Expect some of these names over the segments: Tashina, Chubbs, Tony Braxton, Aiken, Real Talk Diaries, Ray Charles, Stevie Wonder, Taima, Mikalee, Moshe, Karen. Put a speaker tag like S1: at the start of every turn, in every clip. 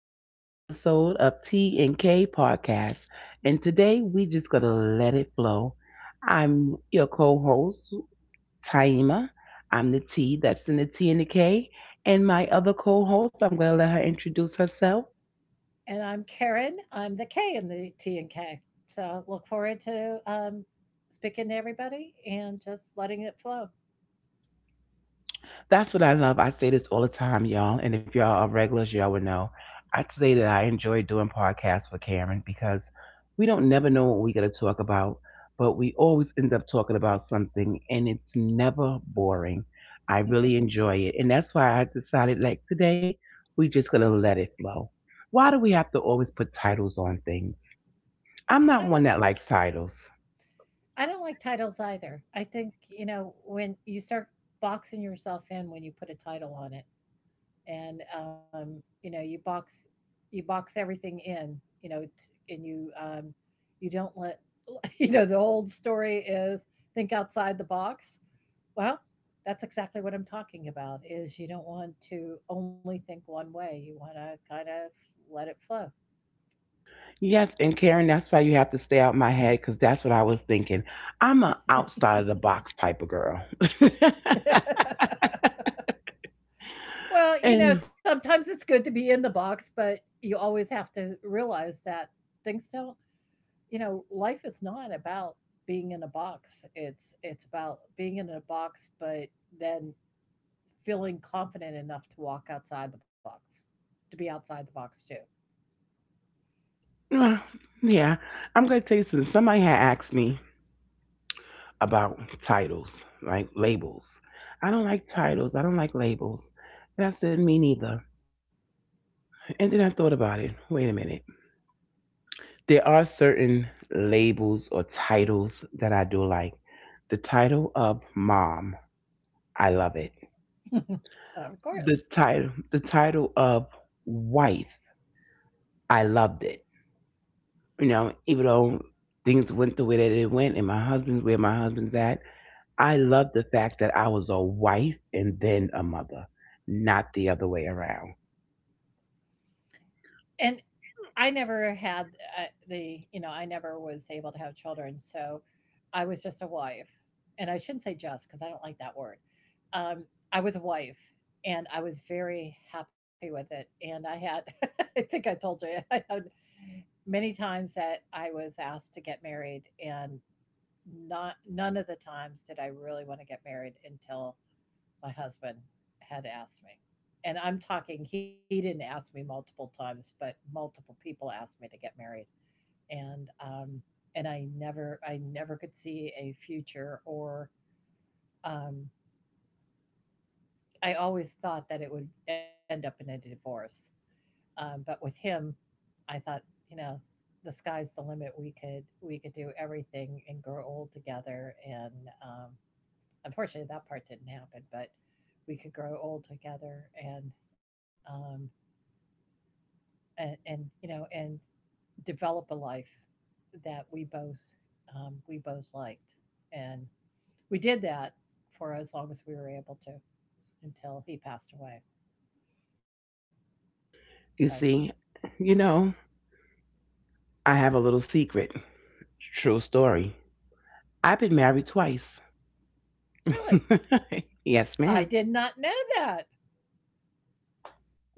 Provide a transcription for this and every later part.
S1: to another episode of T and K Podcast. And today we just gonna let it flow. I'm your co-host Taima. I'm the T, that's in the T and the K. And my other co-host, I'm gonna let her introduce herself.
S2: And I'm Karen. I'm the K in the T and K. So look forward to speaking to everybody and just letting it flow.
S1: That's what I love. I say this all the time, y'all. And if y'all are regulars, y'all would know. I'd say that I enjoy doing podcasts with Karen because we don't never know what we're going to talk about, but we always end up talking about something and it's never boring. I really enjoy it. And that's why I decided, like, today, we're just going to let it flow. Why do we have to always put titles on things? I'm
S2: I
S1: not
S2: don't.
S1: one that likes titles.
S2: I don't like titles either. I think you know when you start boxing yourself in when you put a title on it, and you know you box everything in. You know, and you you don't let you know the old story is think outside the box. Well, that's exactly what I'm talking about is you don't want to only think one way. You want to kind of let it flow.
S1: Yes, and Karen, that's why you have to stay out my head because that's what I was thinking. I'm an outside of the box type of girl.
S2: Well, you
S1: and
S2: know, sometimes it's good to be in the box, but you always have to realize that things don't, you know, life is not about being in a box. It's about being in a box but then feeling confident enough to walk outside the box, to be outside the box too.
S1: uh, yeah, I'm going to tell you something. Somebody had asked me about titles, like labels. I don't like titles, I don't like labels. That said, me neither. And then I thought about it. Wait a minute. There are certain labels or titles that I do like. The title of mom, I love it. The title, the title of wife, I loved it. You know, even though things went the way that it went and my husband's at, I loved the fact that I was a wife and then a mother, not the other way around.
S2: And I never had uh, the, you know, I never was able to have children. So I was just a wife. And I shouldn't say just because I don't like that word. Um, I was a wife and I was very happy with it. And I had, I think I told you, I had many times that I was asked to get married and not none of the times did I really want to get married until my husband had asked me. And I'm talking, he didn't ask me multiple times, but multiple people asked me to get married. And um, and I never could see a future or um, I always thought that it would end up in a divorce. But with him, I thought, you know, the sky's the limit. We could do everything and grow old together. And um, unfortunately, that part didn't happen. But we could grow old together and um, and you know and develop a life that we both liked and we did that for as long as we were able to until he passed away so.
S1: You see, you know, I have a little secret. True story. I've been married twice.
S2: Really?
S1: Yes,
S2: i
S1: ma'am.
S2: did not know that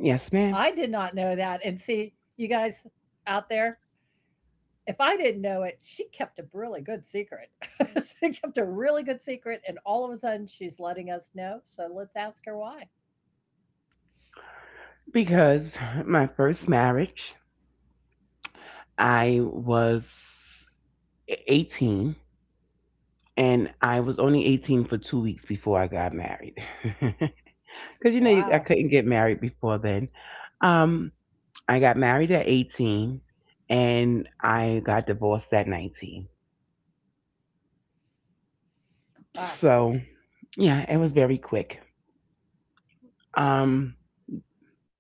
S2: i did
S1: ma'am.
S2: not know that. And see, you guys out there, if I didn't know it, she kept a really good secret. She kept a really good secret, and all of a sudden she's letting us know, so let's ask her why.
S1: Because my first marriage, I was 18, and I was only 18 for 2 weeks before I got married. Because, you know, you- I
S2: Wow.
S1: couldn't get married before then. Um, I got married at 18 and I got divorced at 19.
S2: Wow.
S1: So, yeah, it was very quick. Um,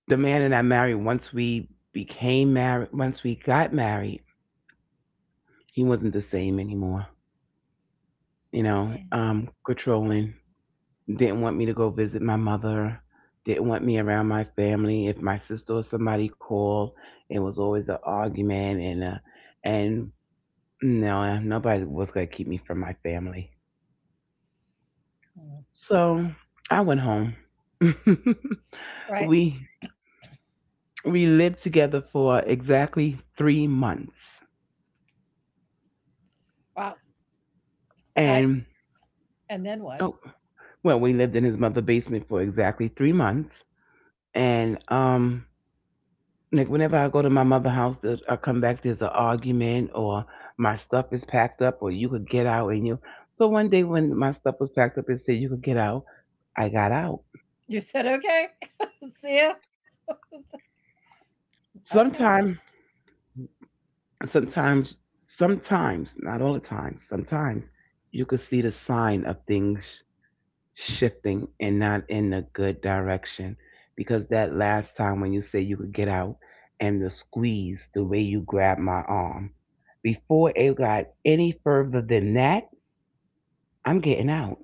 S1: the man that I married, once we became married, once we got married, he wasn't the same anymore. You know,
S2: Yeah.
S1: controlling. Didn't want me to go visit my mother. Didn't want me around my family. If my sister or somebody called, it was always an argument, and no, nobody was gonna keep me from my family.
S2: Mm.
S1: So I went home.
S2: Right.
S1: we we lived together for exactly 3 months,
S2: Wow. I
S1: and
S2: and then what?
S1: oh well, we lived in his mother's basement for exactly 3 months, and like whenever I go to my mother's house, there- I come back, there's an argument, or my stuff is packed up, or you could get out. And you, so one day when my stuff was packed up, it said you could get out. I got out.
S2: You said okay. See ya. Okay.
S1: Sometimes, sometimes, sometimes, not all the time, sometimes you could see the sign of things shifting and not in a good direction. Because that last time when you said you could get out and the squeeze, the way you grabbed my arm, before it got any further than that, I'm getting out.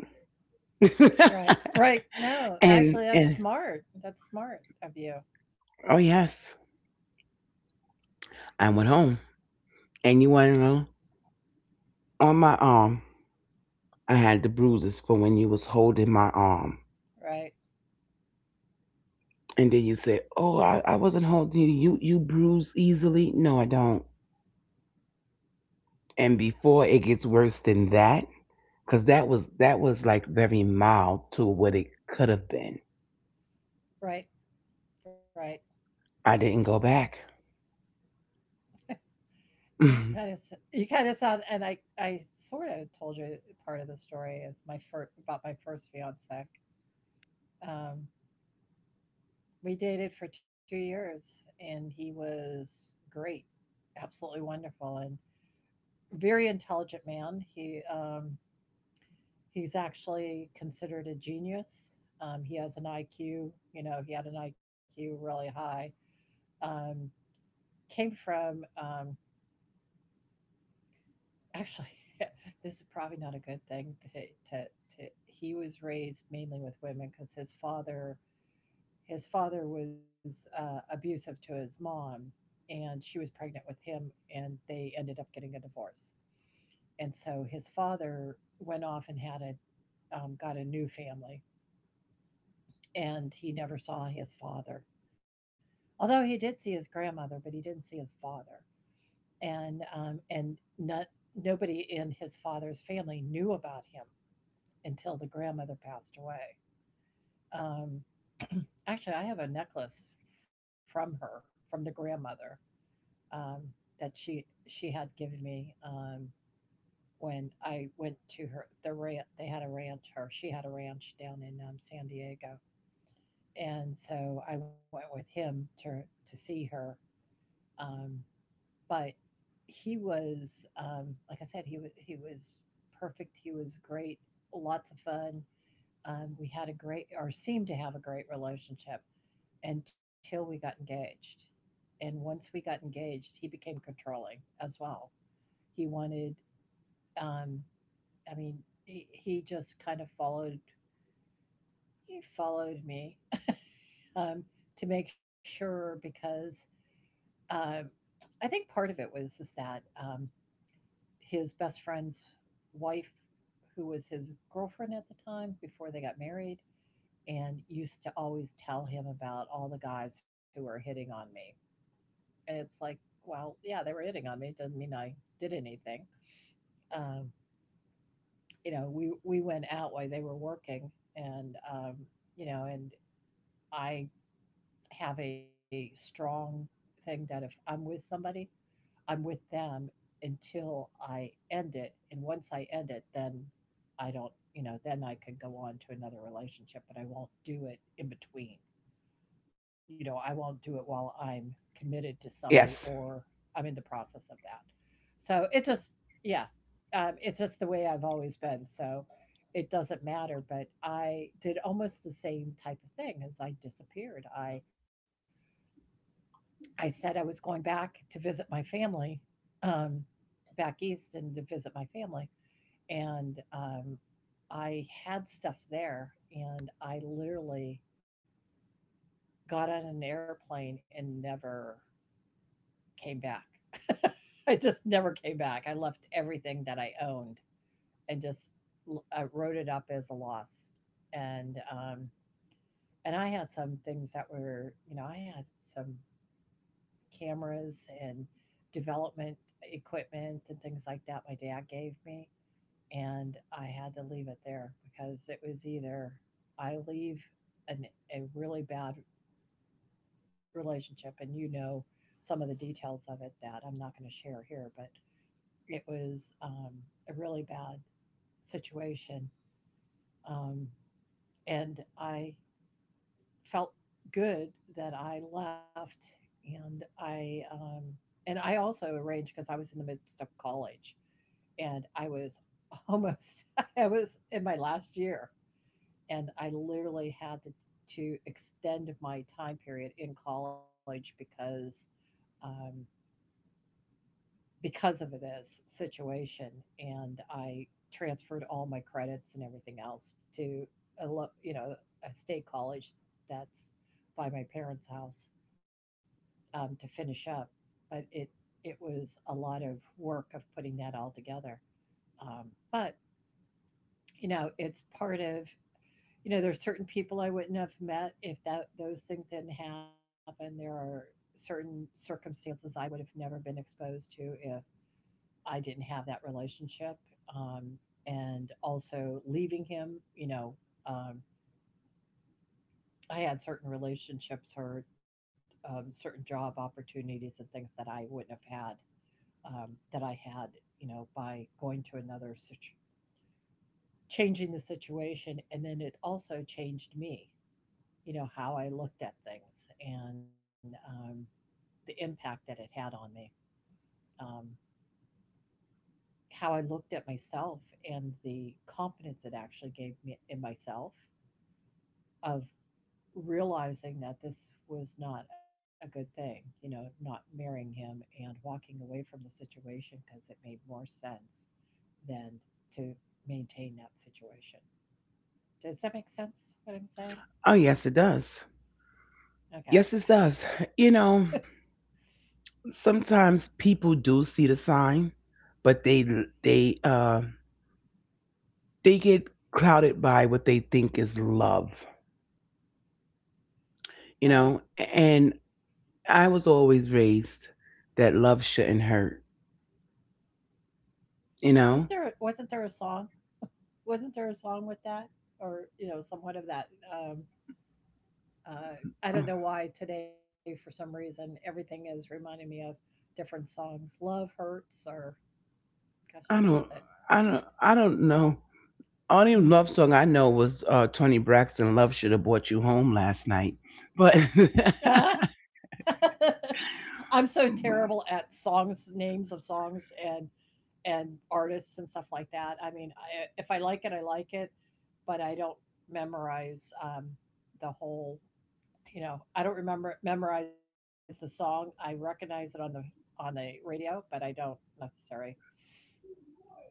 S2: Right. Right. No,
S1: and
S2: actually, that's
S1: and
S2: smart. That's smart of you.
S1: oh yes, I went home. And you want to know? On my arm, I had the bruises for when you was holding my arm.
S2: Right.
S1: And then you said, "Oh, I wasn't holding you. You bruise easily." No, I don't. And before it gets worse than that, because that was like very mild to what it could have been.
S2: Right. Right.
S1: I didn't go back.
S2: You kind of you kind of sound, and I sort of told you part of the story is my first about my first fiance. Um, we dated for 2 years, and he was great, absolutely wonderful, and very intelligent man. He he's actually considered a genius. He has an IQ, you know, he had an IQ really high. Um, came from actually, this is probably not a good thing to, to he was raised mainly with women because his father was abusive to his mom, and she was pregnant with him, and they ended up getting a divorce. And so his father went off and had a got a new family, and he never saw his father. Although he did see his grandmother, but he didn't see his father, and not nobody in his father's family knew about him until the grandmother passed away. Um, actually, I have a necklace from her, from the grandmother, um, that she had given me when I went to her the ranch. They had a ranch, or she had a ranch down in San Diego, and so I went with him to see her. Um, but he was like I said, he was perfect. He was great, lots of fun. We had a great or seemed to have a great relationship until we got engaged. And once we got engaged, he became controlling as well. He wanted, um, I mean, he just kind of followed. He followed me um, to make sure because um I think part of it was is that his best friend's wife, who was his girlfriend at the time before they got married, and used to always tell him about all the guys who were hitting on me. And it's like, well, yeah, they were hitting on me. It doesn't mean I did anything. Um, you know, we went out while they were working, and, you know, and I have a strong thing that if I'm with somebody, I'm with them until I end it. And once I end it, then I don't, you know, then I could go on to another relationship, but I won't do it in between. You know, I won't do it while I'm committed to somebody
S1: Yes.
S2: or I'm in the process of that. So it just, yeah, it's just the way I've always been. So it doesn't matter. But I did almost the same type of thing as I disappeared. I said I was going back to visit my family, um, back east and to visit my family. And I had stuff there, and I literally got on an airplane and never came back. I just never came back. I left everything that I owned and just I wrote it up as a loss. And um, and I had some things that were, you know, I had some cameras and development equipment and things like that my dad gave me. And I had to leave it there because it was either I leave an, a really bad relationship, and you know some of the details of it that I'm not going to share here, but it was a really bad situation. Um, and I felt good that I left, and I um, and I also arranged because I was in the midst of college, and I was almost I was in my last year, and I literally had to extend my time period in college um, because of this situation, and I transferred all my credits and everything else to you know a state college that's by my parents' house, to finish up, but it was a lot of work of putting that all together. But you know, it's part of you know, there's certain people I wouldn't have met if that those things didn't happen. There are certain circumstances I would have never been exposed to if I didn't have that relationship. Um, and also leaving him, you know, um, I had certain relationships or certain job opportunities and things that I wouldn't have had that I had, you know, by going to another changing the situation, and then it also changed me, you know, how I looked at things and the impact that it had on me, um, how I looked at myself, and the confidence it actually gave me in myself of realizing that this was not a good thing, you know, not marrying him and walking away from the situation because it made more sense then to maintain that situation. Does that make sense? What I'm saying?
S1: Oh yes, it does.
S2: Okay,
S1: Yes, it does. You know, sometimes people do see the sign, but they uh, they get clouded by what they think is love. You
S2: right.
S1: know, and I was always raised that love shouldn't hurt. You
S2: Wasn't
S1: know.
S2: there wasn't there a song? Wasn't there a song with that, or you know, somewhat of that? Uh, I
S1: Uh,
S2: don't know why today, for some reason, everything is reminding me of different songs. Love hurts, or gosh, who
S1: I
S2: was
S1: don't,
S2: it?
S1: I don't know. Only
S2: Mm.
S1: love song I know was Tony Braxton. Love should have brought you home last night, but
S2: I'm so terrible at songs, names of songs, and artists and stuff like that. I mean, I, if I like it, I like it, but I don't memorize the whole. You know, I don't remember memorize the song. I recognize it on the radio, but I don't necessarily.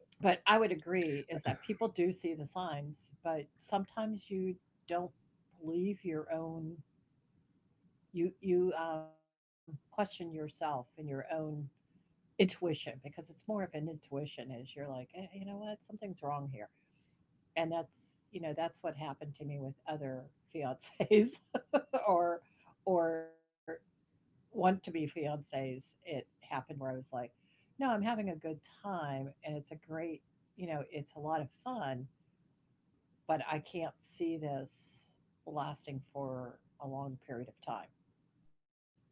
S2: But I would agree is that people do see the signs, but sometimes you don't believe your own. You question yourself and your own intuition because it's more of an intuition. Is you're like, eh, you know what, something's wrong here. And that's you know that's what happened to me with other fiancés or or want to be fiancés. It happened where I was like, no, I'm having a good time and it's a great, you know, it's a lot of fun, but I can't see this lasting for a long period of time,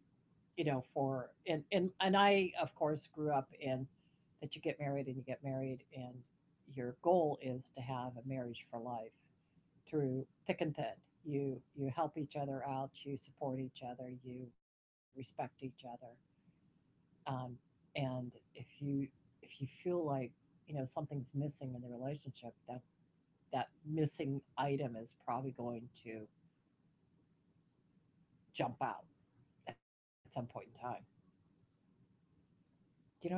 S2: you know, for and I of course grew up in that you get married and you get married and your goal is to have a marriage for life through thick and thin. You help each other out. You support each other. You respect each other. Um, and if you feel like something's missing in the relationship, that that missing item is probably going to jump out at some point in time. Do you know what I mean?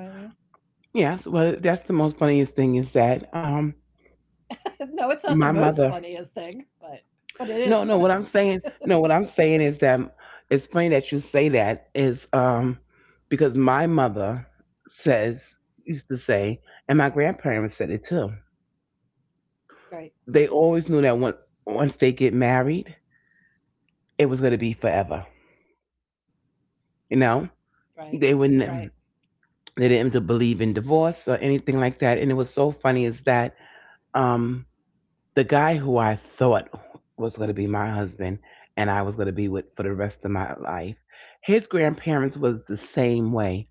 S1: yes, well, that's the most funniest thing is that
S2: No, it's not the
S1: my
S2: most
S1: mother—
S2: funniest thing, but it is
S1: no, no, what
S2: funny.
S1: I'm saying, no, what I'm saying is that it's funny that you say that is because my mother says used to say, and my grandparents said it too.
S2: Right,
S1: They always knew that when, once they get married, it was going to be forever. You know,
S2: right,
S1: they
S2: right,
S1: wouldn't they didn't believe in divorce or anything like that. And it was so funny is that um the guy who I thought was going to be my husband and I was going to be with for the rest of my life, his grandparents was the same way.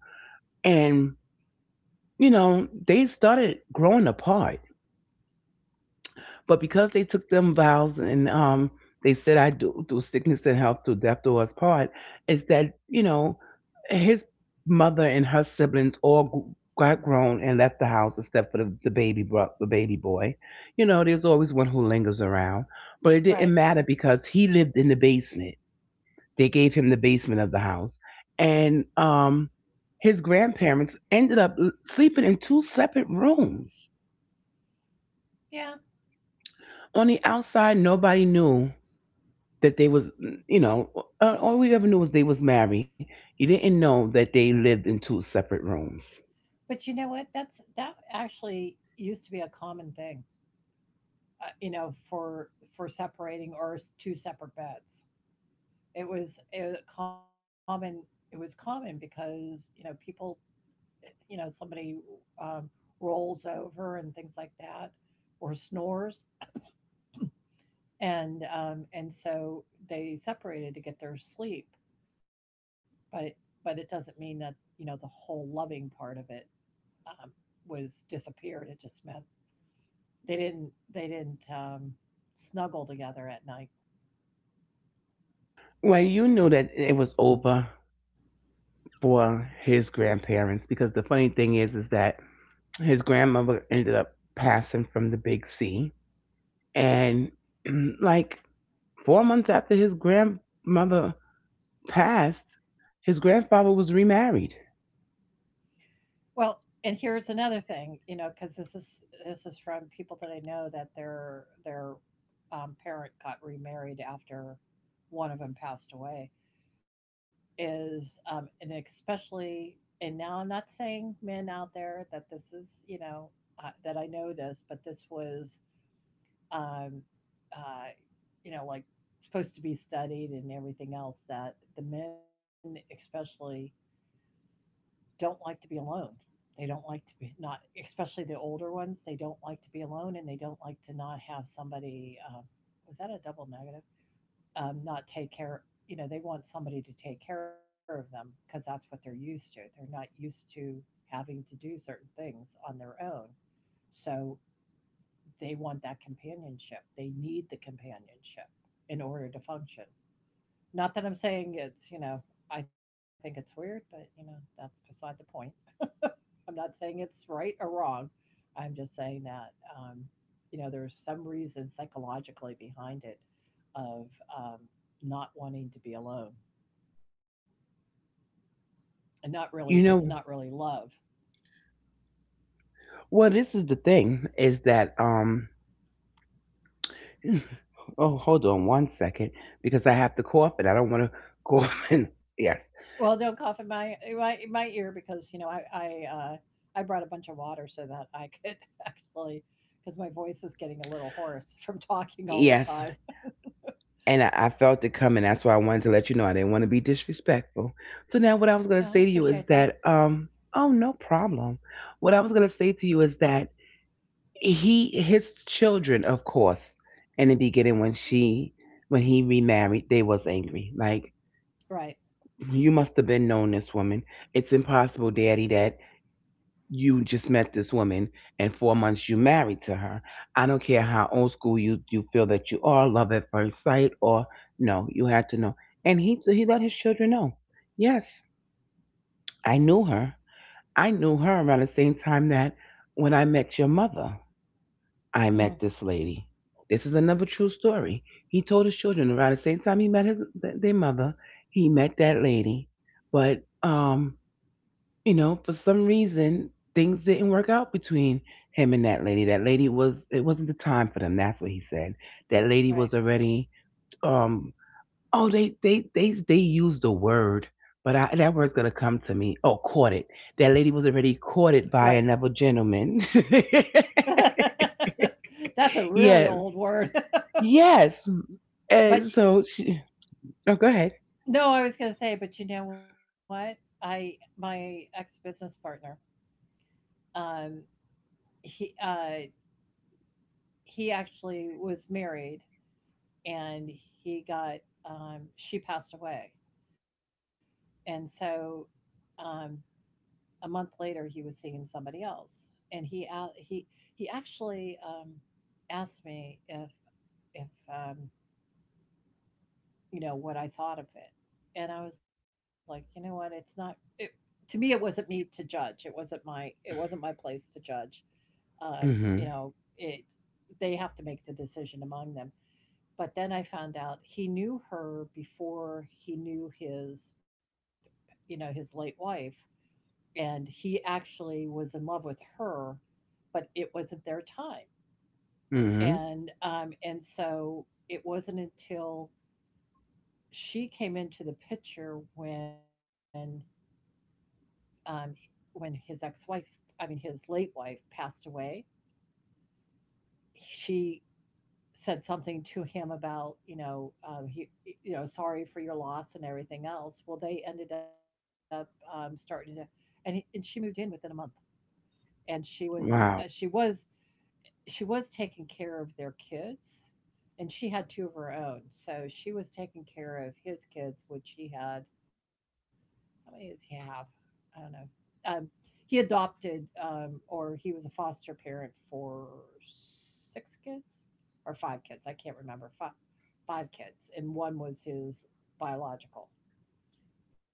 S1: And, you know, they started growing apart. But because they took them vows and they said, I do through sickness and health, through death do us part, is that, you know, his mother and her siblings all gr- got grown and left the house except for the baby bro, the baby boy. You know, there's always one who lingers around. But it didn't
S2: right.
S1: matter because he lived in the basement. They gave him the basement of the house. And his grandparents ended up l- sleeping in two separate rooms.
S2: Yeah.
S1: On the outside, nobody knew that they was, you know, all we ever knew was they was married. You didn't know that they lived in two separate rooms.
S2: But you know what? That actually used to be a common thing, you know, for separating, or two separate beds. It was common. It was common because you know people, you know, somebody, um, rolls over and things like that, or snores, and so they separated to get their sleep. But but it doesn't mean that you know the whole loving part of it, um, was disappeared. It just meant they didn't snuggle together at night.
S1: Well, you knew that it was over for his grandparents because the funny thing is that his grandmother ended up passing from the big C, and like 4 months after his grandmother passed, his grandfather was remarried.
S2: Well, and here's another thing, you know, because this is from people that I know that their parent got remarried after one of them passed away. Is, and especially, and now I'm not saying men out there that this is you know, that I know this, but this was, um, uh, you know like supposed to be studied and everything else, that the men especially don't like to be alone. They don't like to be not, especially the older ones. They don't like to be alone, and they don't like to not have somebody. Was that a double negative? Not take care. You know, they want somebody to take care of them because that's what they're used to. They're not used to having to do certain things on their own. So they want that companionship. They need the companionship in order to function. Not that I'm saying it's, you know, I think it's weird, but you know, that's beside the point. I'm not saying it's right or wrong. I'm just saying that, you know, there's some reason psychologically behind it, of, um, not wanting to be alone and not
S1: You
S2: really,
S1: know,
S2: it's not really love.
S1: well, this is the thing is that oh, hold on one second because I have to cough and I don't want to cough. And yes,
S2: Well, don't cough in my in my ear because you know I I brought a bunch of water so that I could actually because my voice is getting a little hoarse from talking all the
S1: yes.
S2: time.
S1: And I felt it coming. That's why I wanted to let you know I didn't want to be disrespectful. So
S2: Yeah,
S1: now
S2: I
S1: what I was going to
S2: appreciate
S1: say to
S2: that.
S1: you is that, oh, no problem. What I was going to say to you is that he, his children, of course, in the beginning when when he remarried, they was angry. Like,
S2: Right.
S1: you must have been known this woman. It's impossible, daddy, that you just met this woman and 4 months you married to her. I don't care how old school you feel that you are, love at first sight or no, you had to know. And he let his children know. Yes, I knew her. I knew her around the same time that when I met your mother, I
S2: Mm,
S1: met this lady. This is another true story. He told his children around the same time he met his their mother, he met that lady. But you know, for some reason things didn't work out between him and that lady. That lady was— it wasn't the time for them. That's what he said. That lady
S2: right.
S1: was already um oh they used the word, but that word's gonna come to me. Oh, courted. That lady was already
S2: Right.
S1: courted by another gentleman.
S2: That's a really old
S1: Yes,
S2: word.
S1: yes.
S2: But
S1: And so she. Oh, go ahead.
S2: no, I was going to say, but you know what? I, my ex business partner, um, he uh, he actually was married, and he got, she passed away, and so, um, a month later he was seeing somebody else, and he actually, asked me if if you know, what I thought of it. And I was like, you know what? It's not it to me it wasn't me to judge. It wasn't my place to judge.
S1: mm
S2: You
S1: hmm
S2: know, it, they have to make the decision among them. But then I found out he knew her before he knew his, you know, his late wife, and he actually was in love with her, but it wasn't their time.
S1: mm
S2: And so it wasn't until she came into the picture when, um, when his ex-wife, I mean his late wife, passed away, she said something to him about you know, he, you know, sorry for your loss and everything else. Well, they ended up, starting to, and he, and she moved in within a month, and she
S1: hmm
S2: was uh,
S1: Wow.
S2: she was she was taking care of their kids, and she had two of her own, so she was taking care of his kids, which he had, how many does he have? I don't know. Um, he adopted, or he was a foster parent for six kids or five kids. I can't remember. Five, five kids, and one was his biological,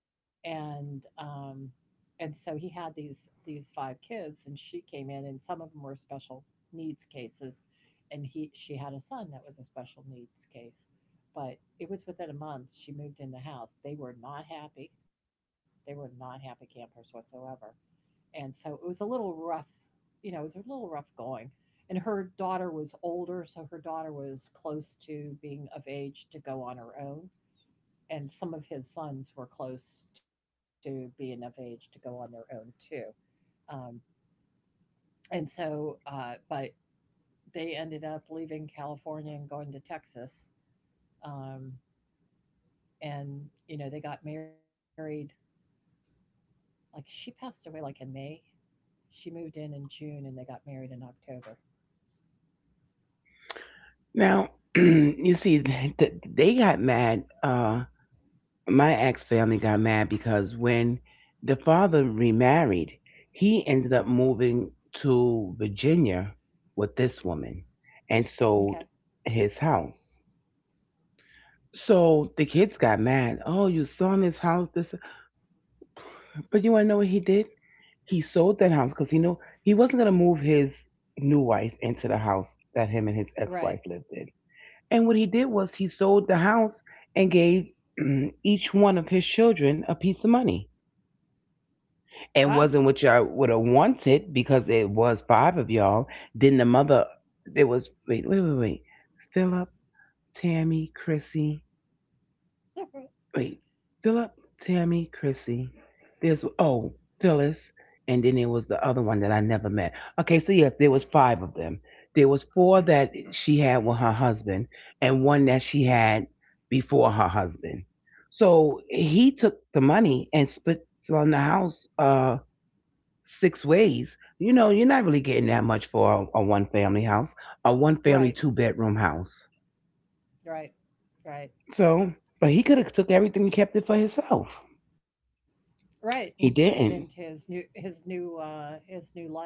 S2: and and so he had these five kids, and she came in, and some of them were special needs cases, and he she had a son that was a special needs case, but it was within a month she moved in the house. They were not happy. They were not happy campers whatsoever, and so it was a little rough. You know, it was a little rough going. And her daughter was older, so her daughter was close to being of age to go on her own, and some of his sons were close to being of age to go on their own too. Um, and so but they ended up leaving California and going to Texas. Um, and you know, they got married. Like she passed away like in May. She moved in June, and they got married in October.
S1: Now you see, they got mad. My ex family got mad because when the father remarried, he ended up moving to Virginia with this woman and
S2: Okay,
S1: sold his house. So the kids got mad. Oh, you selling this house? This, but you want to know what he did? He sold that house because he knew he wasn't gonna move his new wife into the house that him and his
S2: right.
S1: ex-wife lived in. And what he did was he sold the house and gave each one of his children a piece of money,
S2: Wow.
S1: and wasn't what y'all would have wanted because it was five of y'all. Then the mother, it was wait, wait, wait, wait. Philip, Tammy, Chrissy. Wait, Philip, Tammy, Chrissy. There's oh Phyllis, and then there was the other one that I never met. Okay, so yes, there was five of them. There was four that she had with her husband, and one that she had before her husband. So he took the money and split on the house. Six ways, you know, you're not really getting that much for a one family house, a one
S2: Right.
S1: family two-bedroom house.
S2: Right. Right.
S1: So, but he could have took everything and kept it for himself.
S2: Right, and put it
S1: He
S2: into his
S1: didn't.
S2: new his new uh his new life.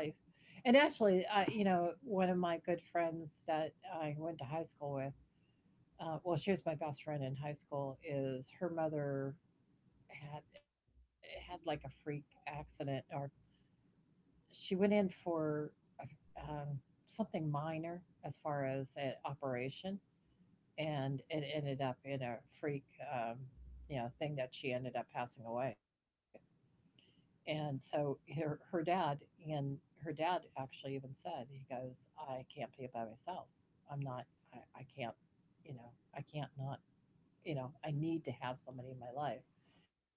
S2: And actually, I, you know, one of my good friends that I went to high school with, uh, well, she was my best friend in high school, is her mother had, had like a freak accident, or she went in for, um something minor as far as an operation, and it ended up in a freak, um you know, thing, that she ended up passing away. And so her dad, and her dad actually even said, he goes, I can't be by myself. I'm not. I can't. You know, I can't not. You know, I need to have somebody in my life.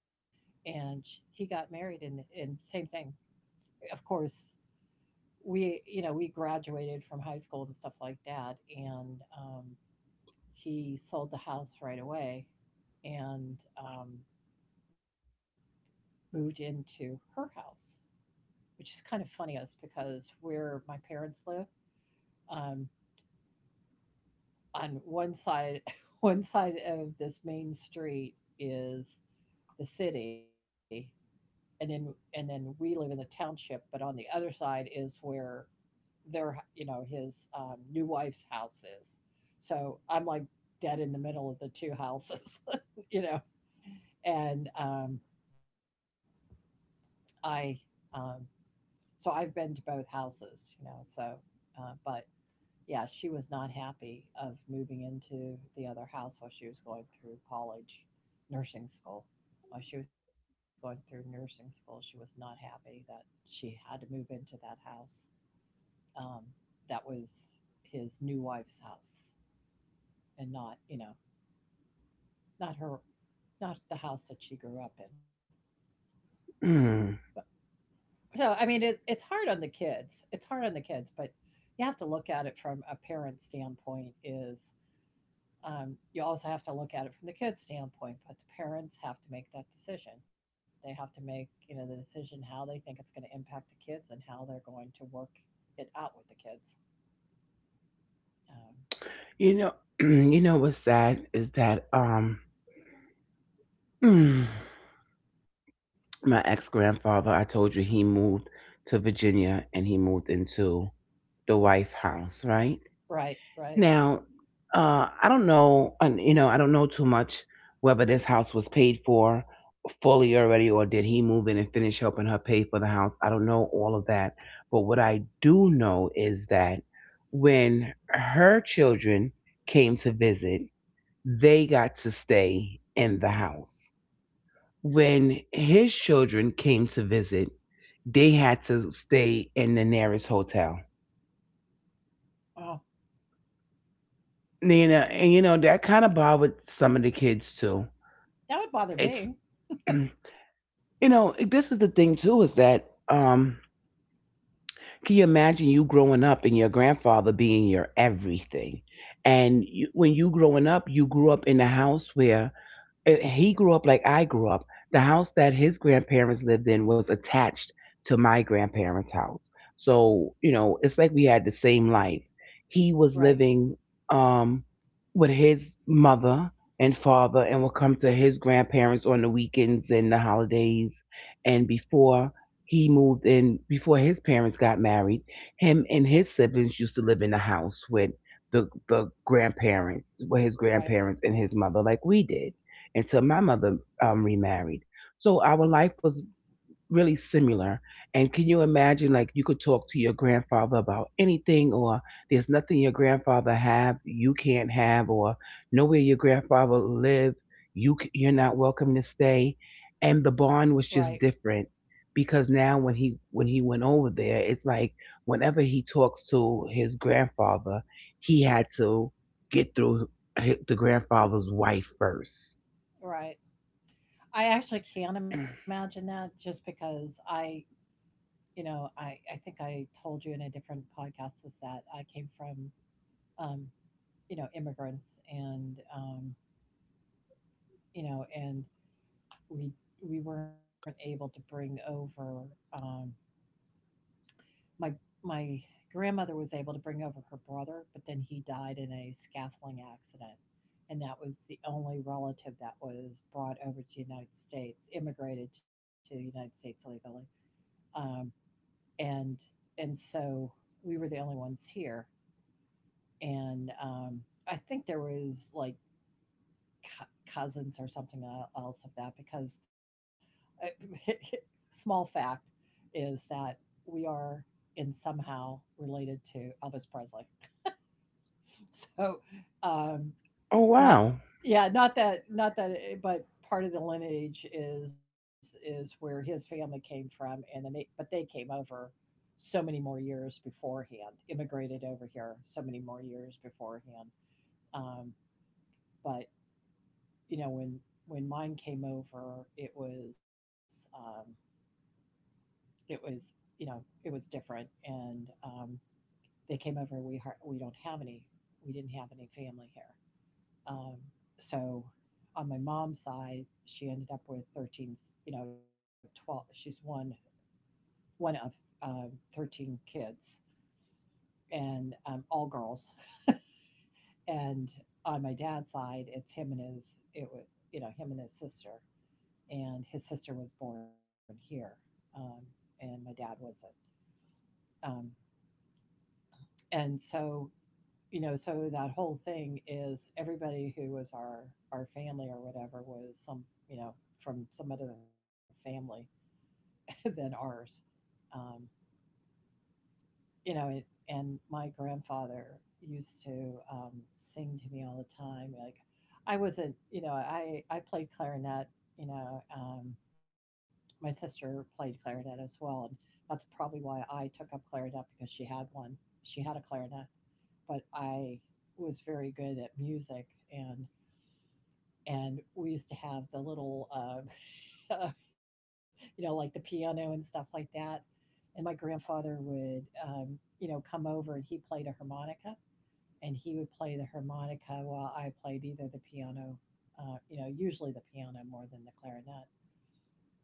S2: And he got married, and same thing. Of course, we, you know, we graduated from high school and stuff like that, and he sold the house right away, and moved into her house, which is kind of funny, is because where my parents live, um, on one side one side of this main street is the city, and then we live in the township, but on the other side is where their, you know, his, new wife's house is. So I'm like dead in the middle of the two houses, you know, and I um, so I've been to both houses, you know, so, but yeah, she was not happy of moving into the other house while she was going through college, nursing school. While she was going through nursing school, she was not happy that she had to move into that house. Um, that was his new wife's house, and not, you know, not her, not the house that she grew up in.
S1: Mm.
S2: But so I mean, it's hard on the kids. It's hard on the kids, but you have to look at it from a parent standpoint. Is, you also have to look at it from the kid's standpoint, but the parents have to make that decision. They have to make, you know, the decision how they think it's going to impact the kids and how they're going to work it out with the kids. Um,
S1: You know, you know what's sad is that mm, my ex grandfather, I told you he moved to Virginia and he moved into the wife' house, right?
S2: right, right.
S1: Now, I don't know, and you know, I don't know too much whether this house was paid for fully already, or did he move in and finish helping her pay for the house? I don't know all of that, but what I do know is that when her children came to visit, they got to stay in the house. When his children came to visit, they had to stay in the nearest hotel.
S2: Oh,
S1: You know, and you know that kind of bothered some of the kids too.
S2: that would bother
S1: It's.
S2: me.
S1: You know, this is the thing too, is that can you imagine you growing up and your grandfather being your everything, and you, when you growing up you grew up in a house where he grew up like I grew up. The house that his grandparents lived in was attached to my grandparents' house. So, you know, it's like we had the same life. He was
S2: Right,
S1: living um with his mother and father and would come to his grandparents on the weekends and the holidays. And before he moved in, before his parents got married, him and his siblings used to live in the house with the grandparents, with his
S2: right,
S1: grandparents and his mother like we did until my mother remarried. So our life was really similar. And can you imagine, like, you could talk to your grandfather about anything, or there's nothing your grandfather have you can't have, or nowhere your grandfather lived you you're not welcome to stay. And the bond
S2: right,
S1: was just different because now when he went over there, it's like whenever he talks to his grandfather, he had to get through the grandfather's wife first.
S2: right. I actually can't imagine that, just because I, you know, I think I told you in a different podcast, is that I came from, um, you know, immigrants, and you know, and we we weren't able to bring over, um, my my grandmother was able to bring over her brother, but then he died in a scaffolding accident, and that was the only relative that was brought over to the United States, immigrated to the United States legally, um, and so we were the only ones here, and I think there was like cousins or something else of that because, uh, small fact is that we are in somehow related to Elvis Presley. So, um,
S1: Oh
S2: not,
S1: wow.
S2: yeah, not that, not that, eh, but part of the lineage is where his family came from, and then they, but they came over so many more years beforehand, immigrated over here so many more years beforehand, um, but you know when mine came over, it was, it was you know, it was different, and they came over, we don't have any, we didn't have any family here, um so on my mom's side, she ended up with you know, 12, she's one, one of, um, 13 kids, and all girls, and on my dad's side, it's him and his, it was, you know, him and his sister, and his sister was born here, um, and my dad wasn't. Um, and so, you know, so that whole thing is everybody who was our family or whatever was some, you know, from some other family than ours. Um, you know, it, and my grandfather used to, sing to me all the time. Like, I wasn't, you know, I played clarinet. You know, my sister played clarinet as well, and that's probably why I took up clarinet because she had one. She had a clarinet, but I was very good at music, and and we used to have the little, like the piano and stuff like that, and my grandfather would, come over, and he played a harmonica, and he would play the harmonica while I played either the piano, usually the piano more than the clarinet.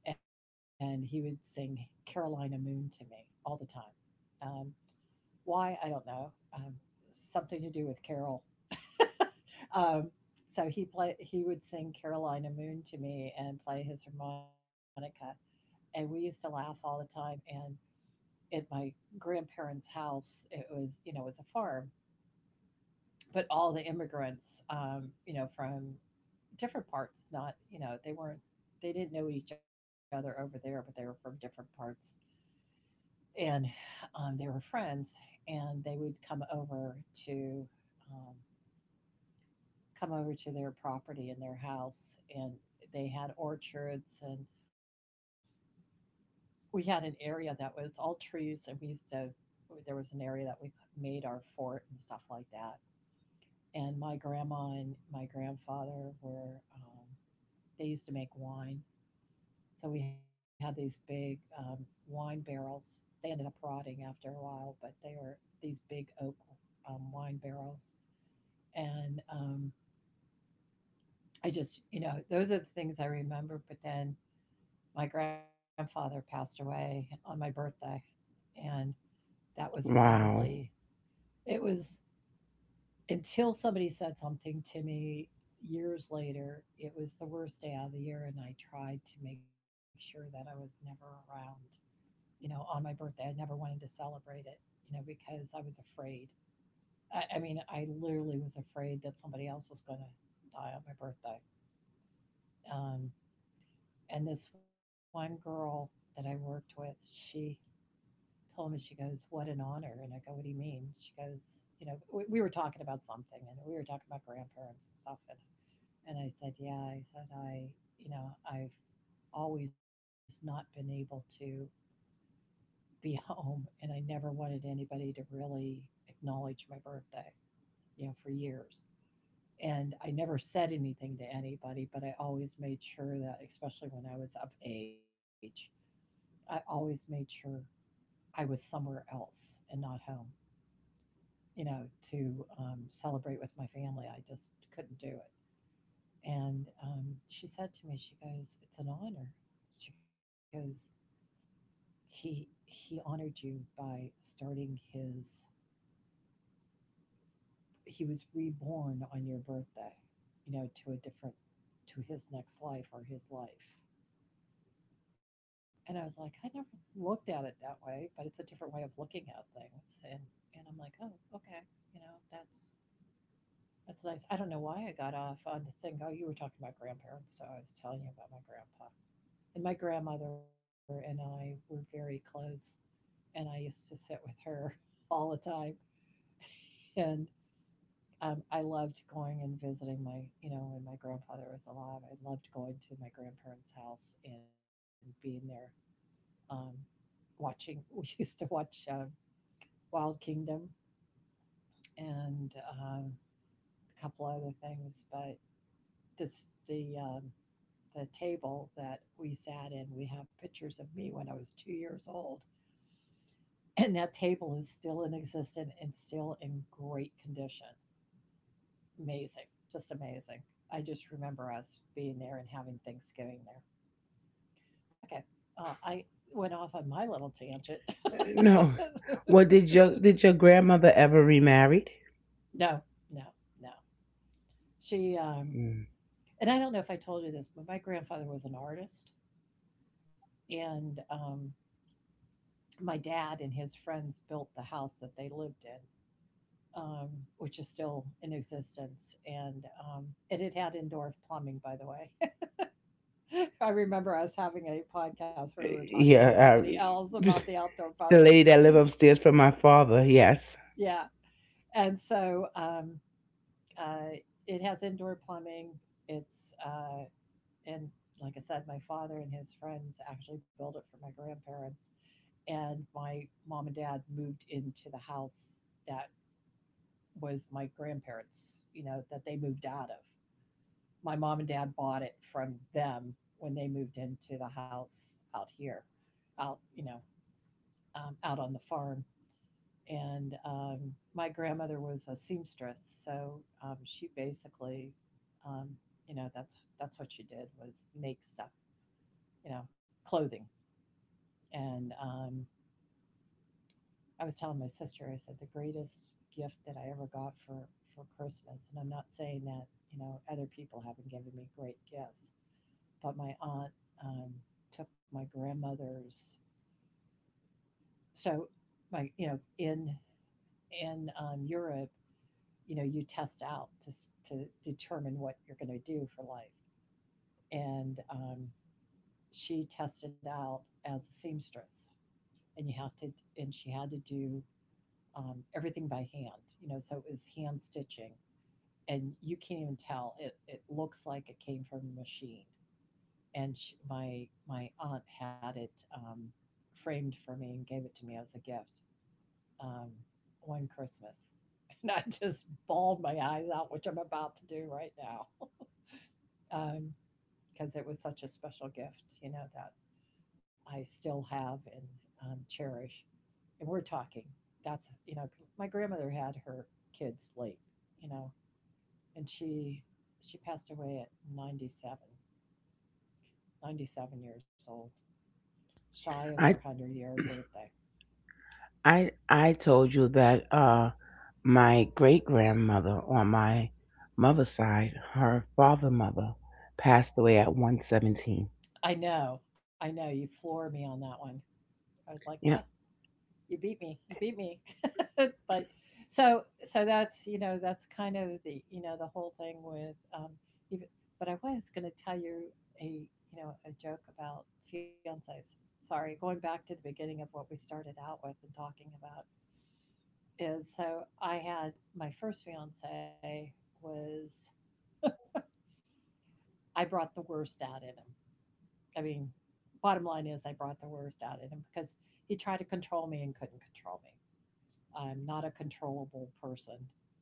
S2: And he would sing Carolina Moon to me all the time. Um, why? I don't know. Um, Something to do with Carol. Um, so he would sing Carolina Moon to me and play his harmonica. And we used to laugh all the time. And at my grandparents' house. It was, it was a farm, but all the immigrants, from different parts, not, they weren't, they didn't know each other over there, but they were from different parts. And they were friends, and they would to, um, come over to their property and their house, and they had orchards, and we had an area that was all trees, and we used to, there was an area that we made our fort and stuff like that. And my grandma and my grandfather were, they used to make wine, so we had these big, wine barrels. They ended up rotting after a while, but they were these big oak, wine barrels. And I just, those are the things I remember. But then my grandfather passed away on my birthday, and that was probably
S1: Wow.
S2: it was until somebody said something to me years later, it was the worst day of the year, and I tried to make sure that I was never around. You know, on my birthday, I never wanted to celebrate it. You know, because I was afraid. I mean, I literally was afraid that somebody else was going to die on my birthday. Um, and this one girl that I worked with, she told me, she goes, "What an honor!" And I go, "What do you mean?" She goes, "You know, we were talking about something, and we were talking about grandparents and stuff, and I said, yeah, I said, I, I've always not been able to be home, and I never wanted anybody to really acknowledge my birthday, you know, for years. And I never said anything to anybody, but I always made sure that, especially when I was of age, I always made sure I was somewhere else and not home, you know, to celebrate with my family. I just couldn't do it. And she said to me, she goes, it's an honor. She goes, he honored you by starting his he was reborn on your birthday, you know, to a different to his next life or his life. And I was like, I never looked at it that way, but it's a different way of looking at things. And I'm like, oh, okay, you know, that's nice. I don't know why I got off on saying, oh, you were talking about grandparents, so I was telling you about my grandpa. And my grandmother and I were very close, and I used to sit with her all the time. And I loved going and visiting my, when my grandfather was alive, I loved going to my grandparents' house and being there, um, watching. We used to watch Wild Kingdom and um, a couple other things, but this the table that we sat in. We have pictures of me when I was 2 years old, and that table is still in existence and still in great condition. Amazing, just amazing. I just remember us being there and having Thanksgiving there. Okay, I went off on my little tangent.
S1: No. Well, did your grandmother ever remarried?
S2: No, no, no. She
S1: Mm.
S2: and I don't know if I told you this, but my grandfather was an artist, and my dad and his friends built the house that they lived in. Um, which is still in existence, and it had had indoor plumbing, by the way. I remember us having a podcast where we were talking with
S1: Yeah,
S2: somebody else about the outdoor
S1: the
S2: plumbing.
S1: lady that lived upstairs from my father. Yes,
S2: Yeah. And so uh, it has indoor plumbing. It's, and like I said, my father and his friends actually built it for my grandparents. And my mom and dad moved into the house that was my grandparents, you know, that they moved out of. My mom and dad bought it from them when they moved into the house out here, out, you know, out on the farm. And my grandmother was a seamstress, so she basically, um, you know, that's what she did was make stuff, you know, clothing. And I was telling my sister, I said the greatest gift that I ever got for Christmas, and I'm not saying that you know other people haven't given me great gifts, but my aunt um, took my grandmother's. So my you know in Europe, you know, you test out to determine what you're going to do for life, and she tested out as a seamstress, and you have to and she had to do everything by hand, you know, so it was hand stitching, and you can't even tell it, it looks like it came from a machine. And she, my aunt had it framed for me and gave it to me as a gift, um, one Christmas, and I just bawled my eyes out, which I'm about to do right now. Um, because it was such a special gift, you know, that I still have and cherish. And we're talking, that's, you know, my grandmother had her kids late, you know, and she passed away at 97, 97 years old, shy of her
S1: I
S2: 100-year birthday.
S1: I told you that my great grandmother on my mother's side, her father mother, passed away at 117.
S2: I know, you floor me on that one. I was like, ah,
S1: Yeah.
S2: you beat me, you beat me. But so that's you know that's kind of the you know the whole thing with even, but I was going to tell you a you know a joke about fiancés, sorry, going back to the beginning of what we started out with and talking about is so I had my first fiance was I brought the worst out in him, I mean, bottom line is I brought the worst out in him because he tried to control me and couldn't control me. I'm not a controllable person.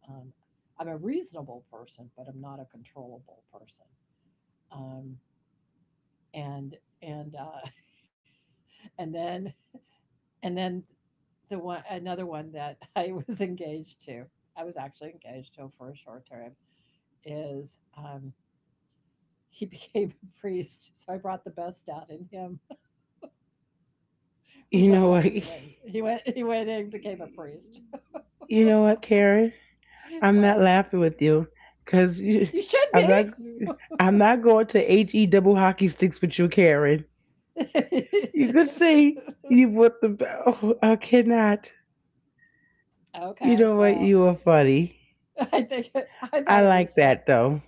S2: Um, I'm a reasonable person, but I'm not a controllable person. Um, and and and then and then the one another one that I was engaged to, I was actually engaged to for a short time, is he became a priest. So I brought the best out in him. We
S1: You know
S2: broke
S1: what?
S2: up, and he went and became a priest.
S1: You know what, Karen? I'm not
S2: What
S1: laughing with you because
S2: you should
S1: I'm not. I'm not going to H E double hockey sticks with you, Karen.
S2: be.
S1: You could say you put the. Oh, I cannot. You
S2: Okay,
S1: know what? You
S2: well,
S1: are funny.
S2: I think it, I
S1: I
S2: thought it
S1: like
S2: was fun.
S1: that though.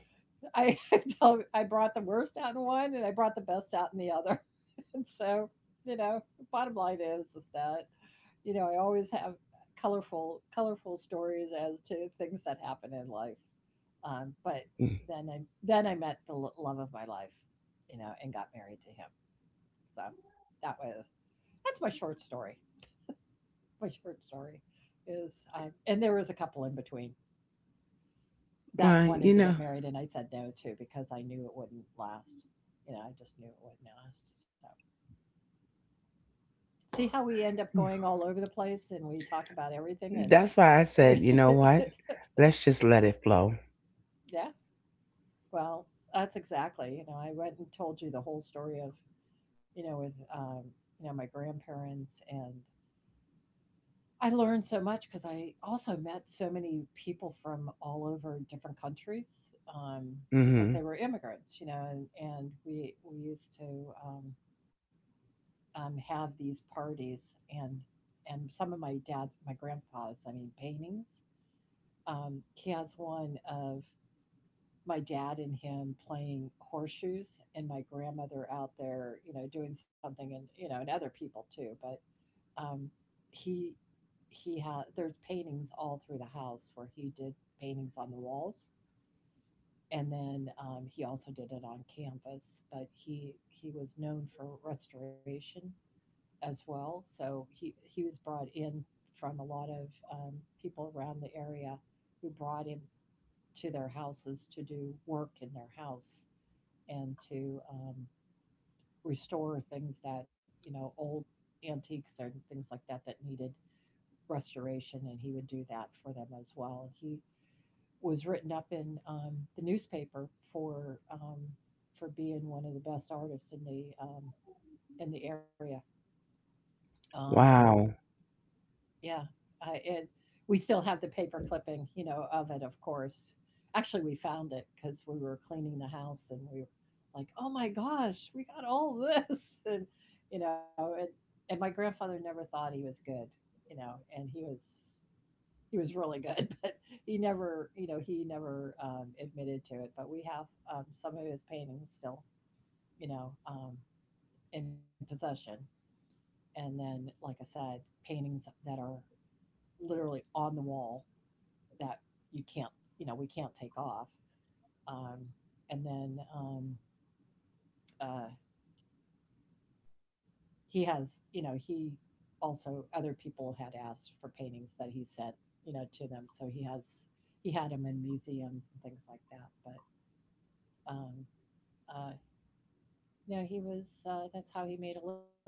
S2: I I tell I brought the worst out in one, and I brought the best out in the other. And so, you know, bottom line is that you know I always have colorful colorful stories as to things that happen in life. But
S1: Mm.
S2: then I met the love of my life, you know, and got married to him. So that was that's my short story. My short story is, and there was a couple in between, that
S1: Well, you
S2: wanted to
S1: know,
S2: get married and I said no to because I knew it wouldn't last. You know, I just knew it wouldn't last. So see how we end up going all over the place and we talk about everything
S1: that's why I said,
S2: and
S1: you know what? Let's just let it flow.
S2: yeah, well, that's exactly, you know, I went and told you the whole story of, you know, with you know, my grandparents. And I learned so much because I also met so many people from all over different countries, because
S1: Hmm.
S2: they were immigrants, you know, and we used to have these parties. And some of my dad's my grandpa's, I mean, paintings. He has one of my dad and him playing horseshoes and my grandmother out there, you know, doing something, and you know, and other people too. But um, he he had, there's paintings all through the house where he did paintings on the walls. And then he also did it on canvas, but he was known for restoration as well. So he was brought in from a lot of um, people around the area who brought him to their houses to do work in their house and to restore things that you know old antiques or things like that that needed restoration, and he would do that for them as well. And he was written up in the newspaper for for being one of the best artists in the in the area. Um,
S1: Wow.
S2: yeah, and we still have the paper clipping, you know, of it. Of course, actually, we found it because we were cleaning the house, and we were like, "Oh my gosh, we got all this!" And you know, and my grandfather never thought he was good, you know, and he was really good, but he never admitted to it. But we have some of his paintings still, you know, um, in possession. And then, like I said, paintings that are literally on the wall that you can't, you know, we can't take off. Um, and then, uh, he has, you know, he also, other people had asked for paintings that he sent, you know, to them. So he had them in museums and things like that. But um, Uh, you know, he was. That's how he made a living.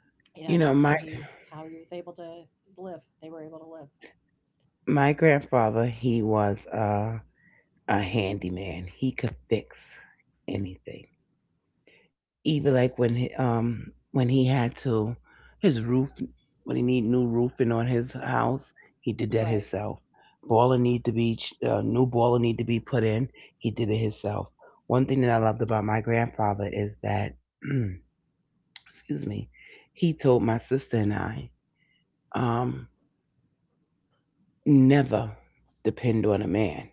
S2: You know, that's
S1: You
S2: how
S1: know, my
S2: he was able to live. They were able to live.
S1: my grandfather, he was a handyman. He could fix anything. Even like when he had to his roof when he need new roofing on his house, he did
S2: Right.
S1: that himself. Boiler need to be new boiler need to be put in. He did it himself. One thing that I loved about my grandfather is that excuse me, he told my sister and I um never depend on a man.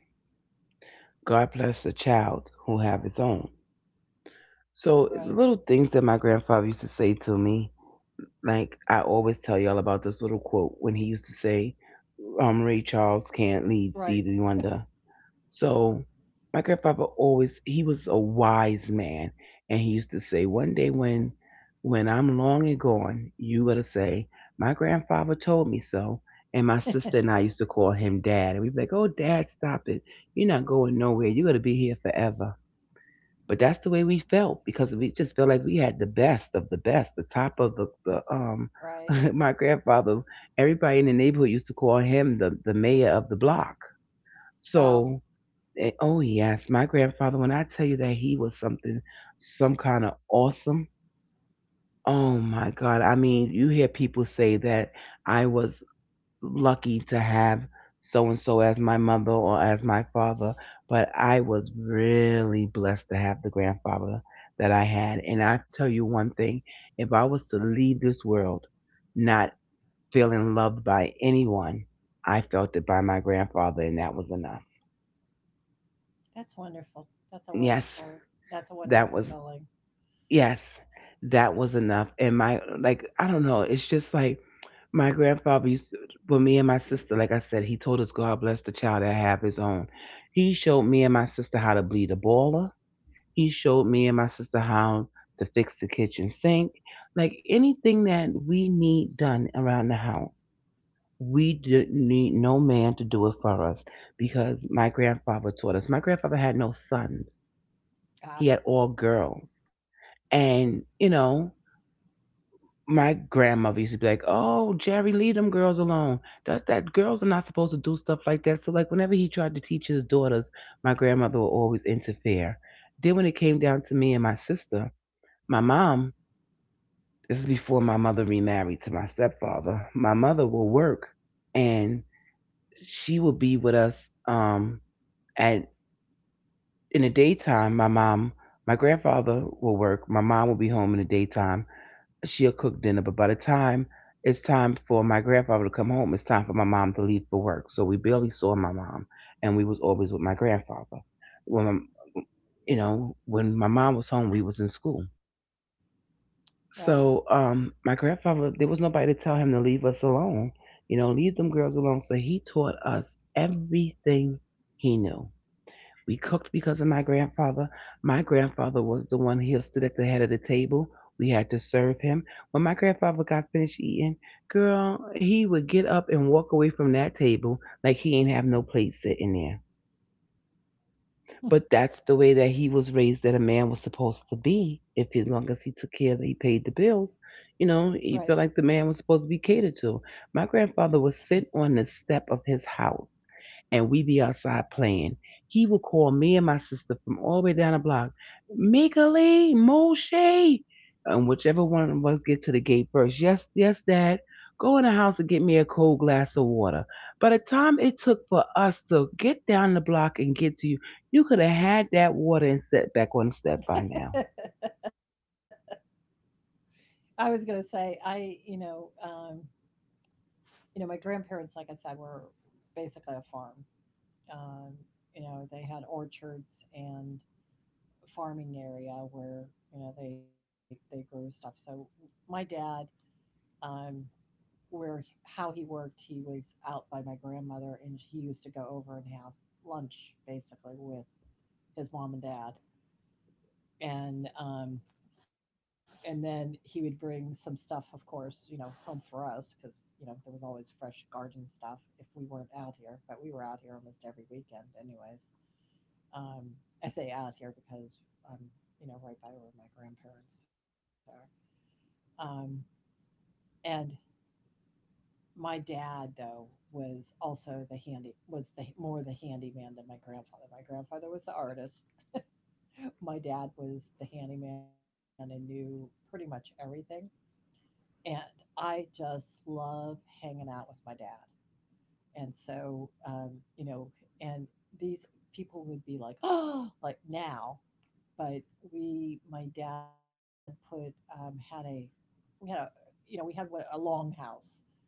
S1: God bless the child who have his own.
S2: Right.
S1: So little things that my grandfather used to say to me, like I always tell y'all about this little quote when he used to say, "Ray Charles can't lead
S2: Right.
S1: Stevie Wonder." So my grandfather always he was a wise man, and he used to say, "One day when I'm long and gone, you gotta say, my grandfather told me so." And my sister and I used to call him Dad, and we'd be like, "Oh, Dad, stop it! You're not going nowhere. You're gonna be here forever." But that's the way we felt because we just felt like we had the best of the best, the top of the.
S2: Right.
S1: My grandfather, everybody in the neighborhood used to call him the mayor of the block.
S2: Wow.
S1: So oh yes, my grandfather, when I tell you that he was something some kind of awesome, oh my God. I mean, you hear people say that I was lucky to have so and so as my mother or as my father, but I was really blessed to have the grandfather that I had. And I tell you one thing, if I was to leave this world not feeling loved by anyone, I felt it by my grandfather, and that was enough.
S2: That's wonderful. That's a
S1: Yes,
S2: wonderful. That's a
S1: that
S2: wonderful
S1: was.
S2: feeling.
S1: Yes, that was enough. And my, like, I don't know. It's just like my grandfather used to, well, me and my sister, like I said, he told us, God bless the child that have his own. He showed me and my sister how to bleed a boiler. He showed me and my sister how to fix the kitchen sink. Like anything that we need done around the house, we didn't need no man to do it for us because my grandfather taught us. My grandfather had no sons. He
S2: Ah.
S1: had all girls. And, you know, my grandmother used to be like, "Oh, Jerry, leave them girls alone. That girls are not supposed to do stuff like that." So like whenever he tried to teach his daughters, my grandmother would always interfere. Then when it came down to me and my sister, my mom, this is before my mother remarried to my stepfather. My mother will work, and she would be with us at in the daytime. My grandfather will work, my mom will be home in the daytime. She'll cook dinner, but by the time it's time for my grandfather to come home, it's time for my mom to leave for work. So we barely saw my mom, and we was always with my grandfather. When my, when my mom was home, we was in school.
S2: Right.
S1: So my grandfather, there was nobody to tell him to leave us alone. You know, leave them girls alone. So he taught us everything he knew. We cooked because of my grandfather. My grandfather was the one who stood at the head of the table. We had to serve him. When my grandfather got finished eating, girl, he would get up and walk away from that table like he ain't have no plate sitting there. But that's the way that he was raised, that a man was supposed to be. If, as long as he took care of, he paid the bills, you
S2: Right.
S1: know, he felt like the man was supposed to be catered to. My grandfather would sit on the step of his house and we be outside playing. He would call me and my sister from all the way down the block, Mikalee, Moshe, and whichever one of us get to the gate first. Yes, yes, Dad. Go in the house and get me a cold glass of water. By the time it took for us to get down the block and get to you, you could have had that water and sat back on the step by now.
S2: I was gonna say I, you know, my grandparents, like I said, were basically a farm. Um, you know, they had orchards and farming area where they grew stuff. So my dad um, where how he worked, he was out by my grandmother, and he used to go over and have lunch basically with his mom and dad, and um, and then he would bring some stuff, of course, you know, home for us because there was always fresh garden stuff if we weren't out here, but we were out here almost every weekend, anyways. Um, I say out here because I'm right by where my grandparents are, um, and my dad, though, was also the handy was the more the handyman than my grandfather. My grandfather was the artist. My dad was the handyman and knew pretty much everything. And I just love hanging out with my dad. And so, you know, and these people would be like, oh, like now. But we, my dad put had a we had a we had a long house.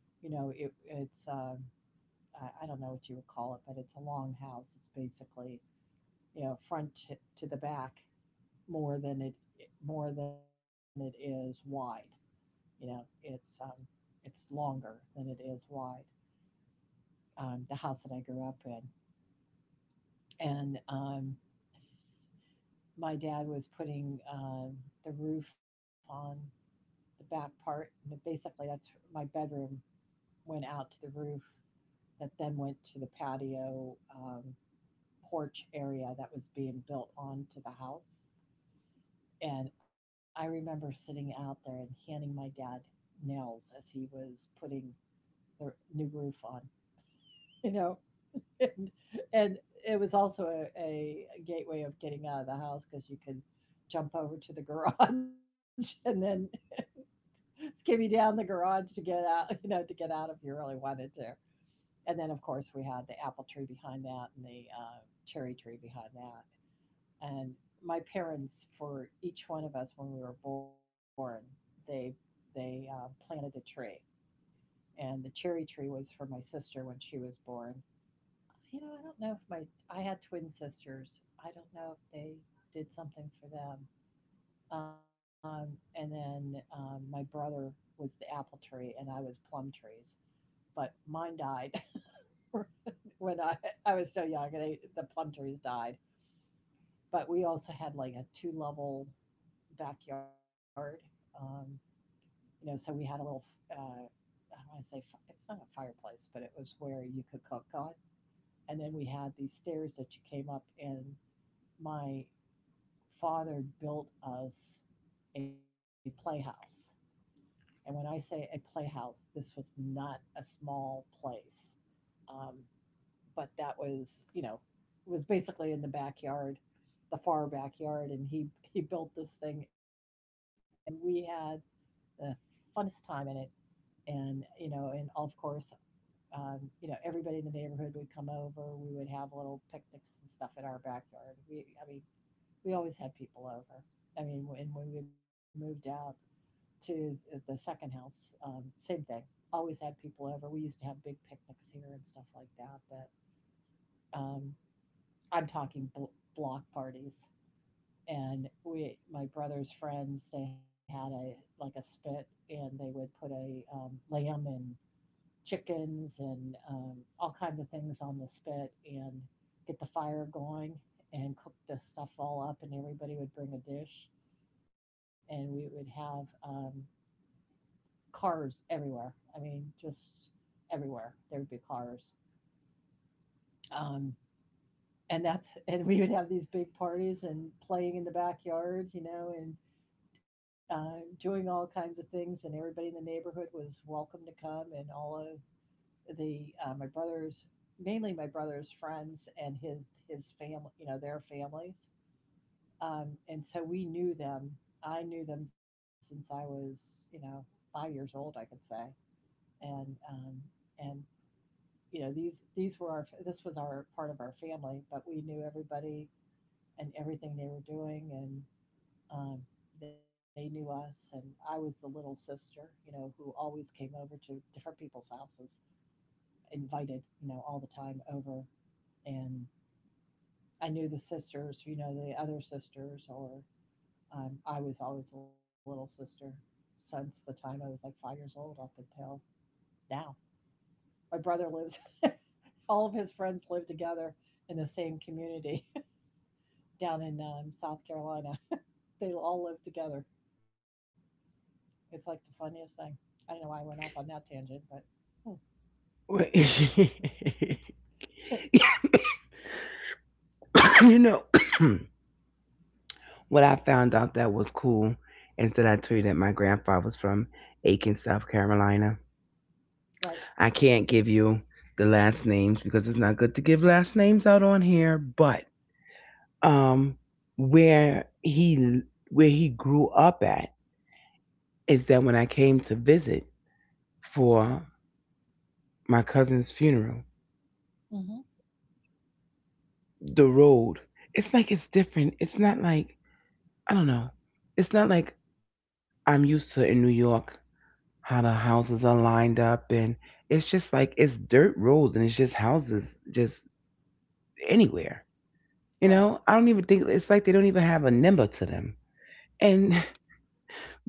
S2: You know, I don't know what you would call it, but it's a long house. It's basically, you know, front to the back, more than it more than it is wide. You know, it's longer than it is wide. The house that I grew up in, and my dad was putting the roof on the back part, and it basically that's my bedroom went out to the roof that then went to the patio porch area that was being built onto the house. And I remember sitting out there and handing my dad nails as he was putting the new roof on, you know. And, and it was also a gateway of getting out of the house because you could jump over to the garage and then skimmy down the garage to get out, if you really wanted to. And then, of course, we had the apple tree behind that and the cherry tree behind that. And my parents, for each one of us when we were born, they they planted a tree, and the cherry tree was for my sister when she was born. I don't know, if my I had twin sisters, I don't know if they did something for them. Um, and then um, my brother was the apple tree and I was plum trees, but mine died. When I was still young, and the plum trees died. But we also had like a two level backyard. um, so we had a little, uh, I don't want to say, it's not a fireplace, but it was where you could cook on. And then we had these stairs that you came up, and my father built us a playhouse. And when I say a playhouse, this was not a small place. Um, but that was, basically in the backyard, the far backyard, and he built this thing, and we had the funnest time in it. And of course, everybody in the neighborhood would come over. We would have little picnics and stuff in our backyard. We I mean We always had people over. I mean, when, we moved out to the second house, same thing, always had people over. We used to have big picnics here and stuff like that um, I'm talking block parties. And we my brother's friends, they had a like a spit, and they would put a lamb and chickens and all kinds of things on the spit, and get the fire going, and cook the stuff all up, and everybody would bring a dish. And we would have cars everywhere. I mean, just everywhere there would be cars. Um, and that's and we would have these big parties and playing in the backyard, you know, and doing all kinds of things, and everybody in the neighborhood was welcome to come. And all of the my brother's mainly my brother's friends and his family, you know, their families. And so we knew them. I knew them since I was, you know, 5 years old, I could say. And um, and these were our this was our part of our family, but we knew everybody and everything they were doing, and um, they knew us. And I was the little sister, you know, who always came over to different people's houses, invited, you know, all the time over, and I knew the sisters, you know, the other sisters, or I was always a little sister since the time I was like 5 years old up until now. My brother lives, all of his friends live together in the same community down in South Carolina. They all live together. It's like the funniest thing. I don't know why I went off on that tangent, but hmm.
S1: You know, what I found out that was cool is that I told you that my grandpa was from Aiken, South Carolina.
S2: Right.
S1: I can't give you the last names because it's not good to give last names out on here, but um where he grew up at is that when I came to visit for my cousin's funeral,
S2: Mm-hmm.
S1: the road, it's like it's different. It's not like, I don't know. It's not like I'm used to in New York, how the houses are lined up, and it's just like, it's dirt roads and it's just houses just anywhere. You
S2: Right.
S1: know, I don't even think it's like, they don't even have a number to them. And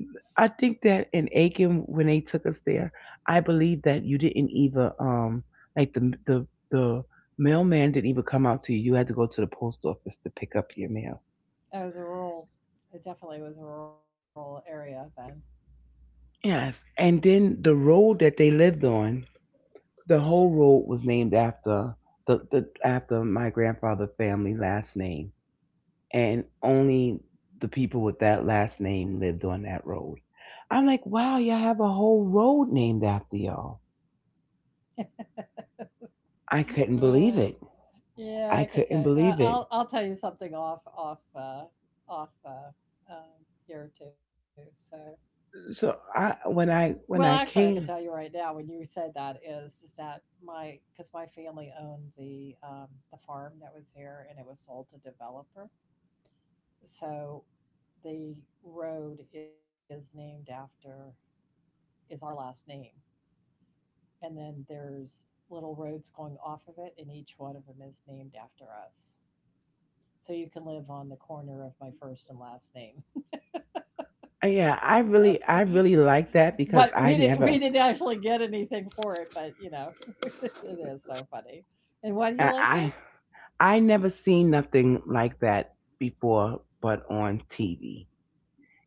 S1: I think that in Aiken, when they took us there, I believe that you didn't even like, the mailman didn't even come out to you. You had to go to the post office to pick up your mail.
S2: It was a rural, it definitely was a rural area then.
S1: Yes. And then the road that they lived on. The whole road was named after the after my grandfather's family last name, and only the people with that last name lived on that road. I'm like, wow, y'all have a whole road named after y'all. I couldn't believe
S2: Eh.
S1: it.
S2: Yeah,
S1: I
S2: I could
S1: couldn't
S2: tell.
S1: believe it.
S2: I'll tell you something off off off um, here too. So,
S1: So I when I
S2: well,
S1: when
S2: actually,
S1: I
S2: I could tell you
S1: came,
S2: right now when you said that is that my, because my family owned the farm that was here and it was sold to developer. So, the road is named after, is our last name, and then there's little roads going off of it, and each one of them is named after us. So you can live on the corner of my first and last name.
S1: yeah, I
S2: So,
S1: really liked
S2: but
S1: that,
S2: we
S1: because
S2: didn't we didn't actually get anything for it, but you know, it is so funny. And why do you like
S1: I
S2: it?
S1: I never seen nothing like that before, but on TV.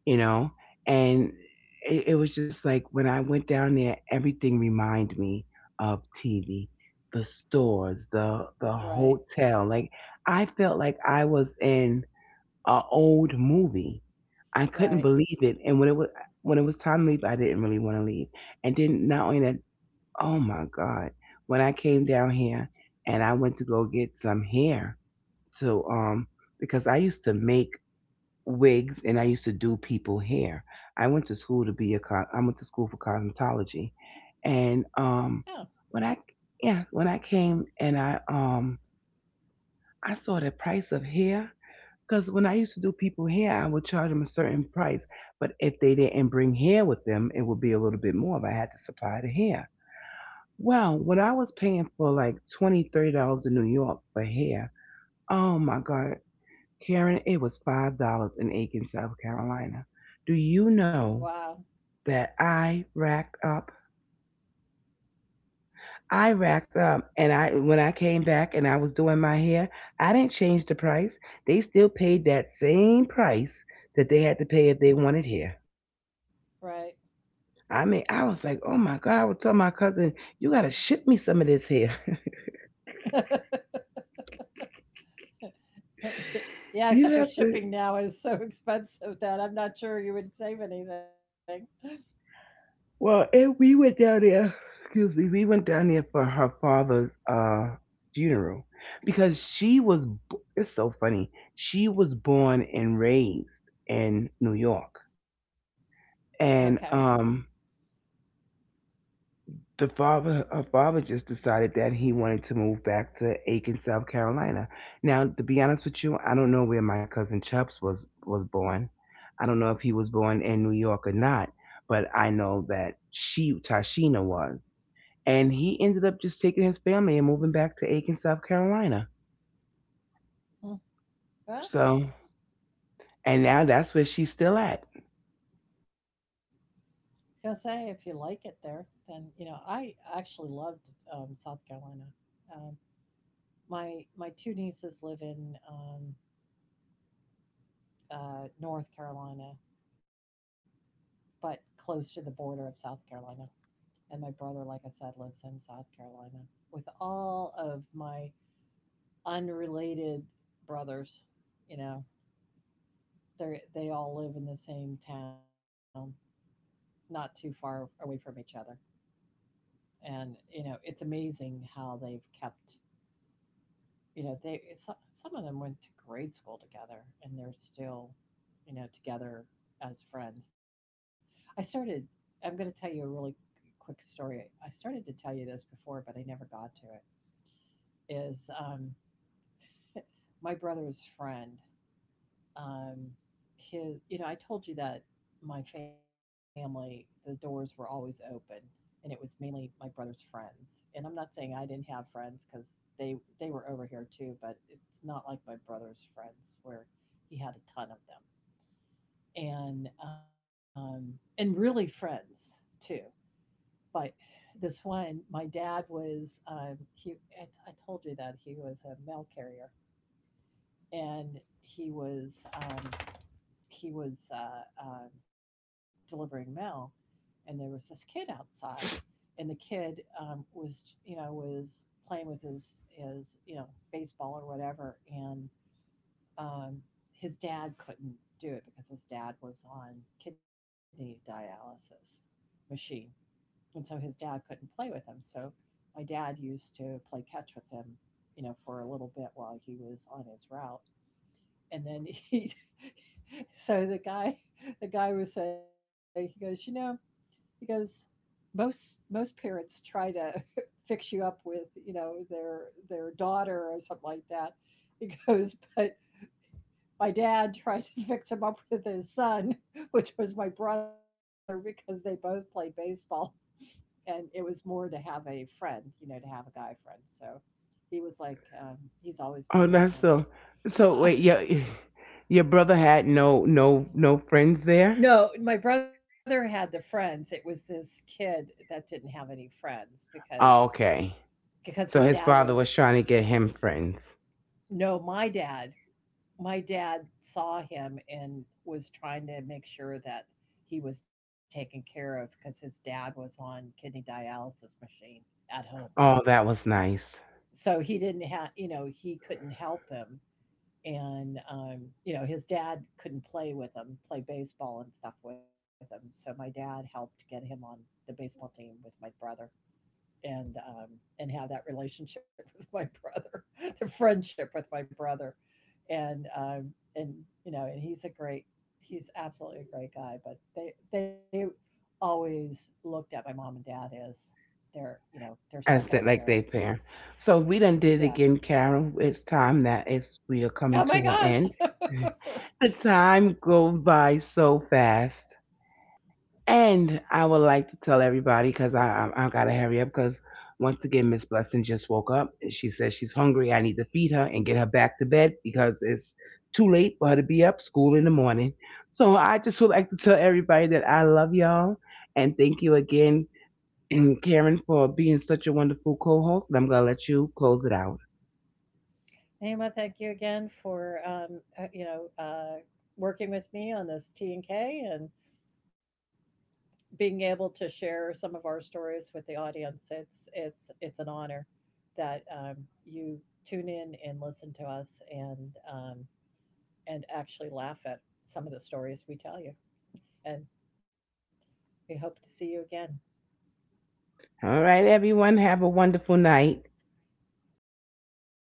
S1: You know, and it was just like, when I went down there, everything reminded me of TV, the stores, the
S2: Right,
S1: hotel. Like, I felt like I was in a old movie. I couldn't
S2: right.
S1: believe it, and when it was time to leave, I didn't really want to leave. And then, not only that, oh my God, when I came down here and I went to go get some hair to because I used to make wigs and I used to do people hair. I went to school for cosmetology, and
S2: Oh,
S1: when I came and I saw the price of hair, because when I used to do people hair I would charge them a certain price, but if they didn't bring hair with them it would be a little bit more if I had to supply the hair. Well, when I was paying for like $20-30 in New York for hair, oh my God, Karen, it was $5 in Aiken, South Carolina. Do you
S2: wow,
S1: know that I racked up? I racked up, and I when I came back and I was doing my hair, I didn't change the price. They still paid that same price that they had to pay if they wanted hair.
S2: right.
S1: I mean, I was like, oh my God! I would tell my cousin, you gotta ship me some of this hair.
S2: Yeah,
S1: You
S2: except for
S1: have to.
S2: shipping now is so expensive that I'm not sure you would save anything.
S1: Well, and we went down there. Excuse me, we went down there for her father's funeral because she was. It's so funny. She was born and raised in New York,
S2: Okay.
S1: and her father just decided that he wanted to move back to Aiken, South Carolina. Now, to be honest with you, I don't know where my cousin Chubbs was born. I don't know if he was born in New York or not, but I know that she, Tashina, was. And he ended up just taking his family and moving back to Aiken, South Carolina.
S2: Hmm. Well,
S1: So, and now that's where she's still at.
S2: I'll say if you like it there, then you know I actually loved South Carolina. Um, my two nieces live in North Carolina, but close to the border of South Carolina, and my brother, like I said, lives in South Carolina. With all of my unrelated brothers, you know, they all live in the same town, not too far away from each other, and you know, it's amazing how they've kept, some of them went to grade school together and they're still together as friends. i started I'm going to tell you a really quick story. I started to tell you this before, but I never got to it, is, my brother's friend, um, his, you know, I told you that my family, the doors were always open, and it was mainly my brother's friends. And I'm not saying I didn't have friends because they they were over here too, but it's not like my brother's friends where he had a ton of them, and really friends too. But this one, my dad was he. I told you that he was a mail carrier, and he was delivering mail, and there was this kid outside, and the kid was playing with his baseball or whatever, and um, his dad couldn't do it because his dad was on kidney dialysis machine, and so his dad couldn't play with him. So my dad used to play catch with him, you know, for a little bit while he was on his route, and then he so the guy was saying, he goes, he goes, most parents try to fix you up with, you know, their daughter or something like that. He goes, but my dad tried to fix him up with his son which was my brother because they both played baseball. And it was more to have a friend, you know, to have a guy friend. So he was like, he's always
S1: Oh,
S2: been like
S1: that's so. So
S2: a.
S1: wait, your brother had no friends there.
S2: No, my brother had the friends. It was this kid that didn't have any friends because
S1: Oh, okay.
S2: because his
S1: So his
S2: dad was.
S1: father was trying to get him friends.
S2: No, my dad. My dad saw him and was trying to make sure that he was taken care of because his dad was on kidney dialysis machine at home.
S1: Oh, that was nice.
S2: So he couldn't help him, and his dad couldn't play with him, play baseball and stuff with him. So my dad helped get him on the baseball team with my brother, and um, and have that relationship with my brother, the friendship with my brother. And um, and you know, and he's absolutely a great guy. But they always looked at my mom and dad as their you know their
S1: As
S2: second
S1: that like they
S2: parents.
S1: pair. So we done did it
S2: Yeah.
S1: again, Carol. It's time that, it's, we are
S2: Oh
S1: coming
S2: my
S1: to an
S2: gosh.
S1: end. The time go by so fast. And I would like to tell everybody, because I gotta hurry up, because once again Miss Blessing just woke up and she says she's hungry. I need to feed her and get her back to bed because it's too late for her to be up school in the morning. So I just would like to tell everybody that I love y'all, and thank you again, Karen, for being such a wonderful co-host. And I'm gonna let you close it out.
S2: Naima, thank you again for working with me on this T and K and being able to share some of our stories with the audience. It's an honor that you tune in and listen to us, and actually laugh at some of the stories we tell you. And we hope to see you again.
S1: All right, everyone, have a wonderful night.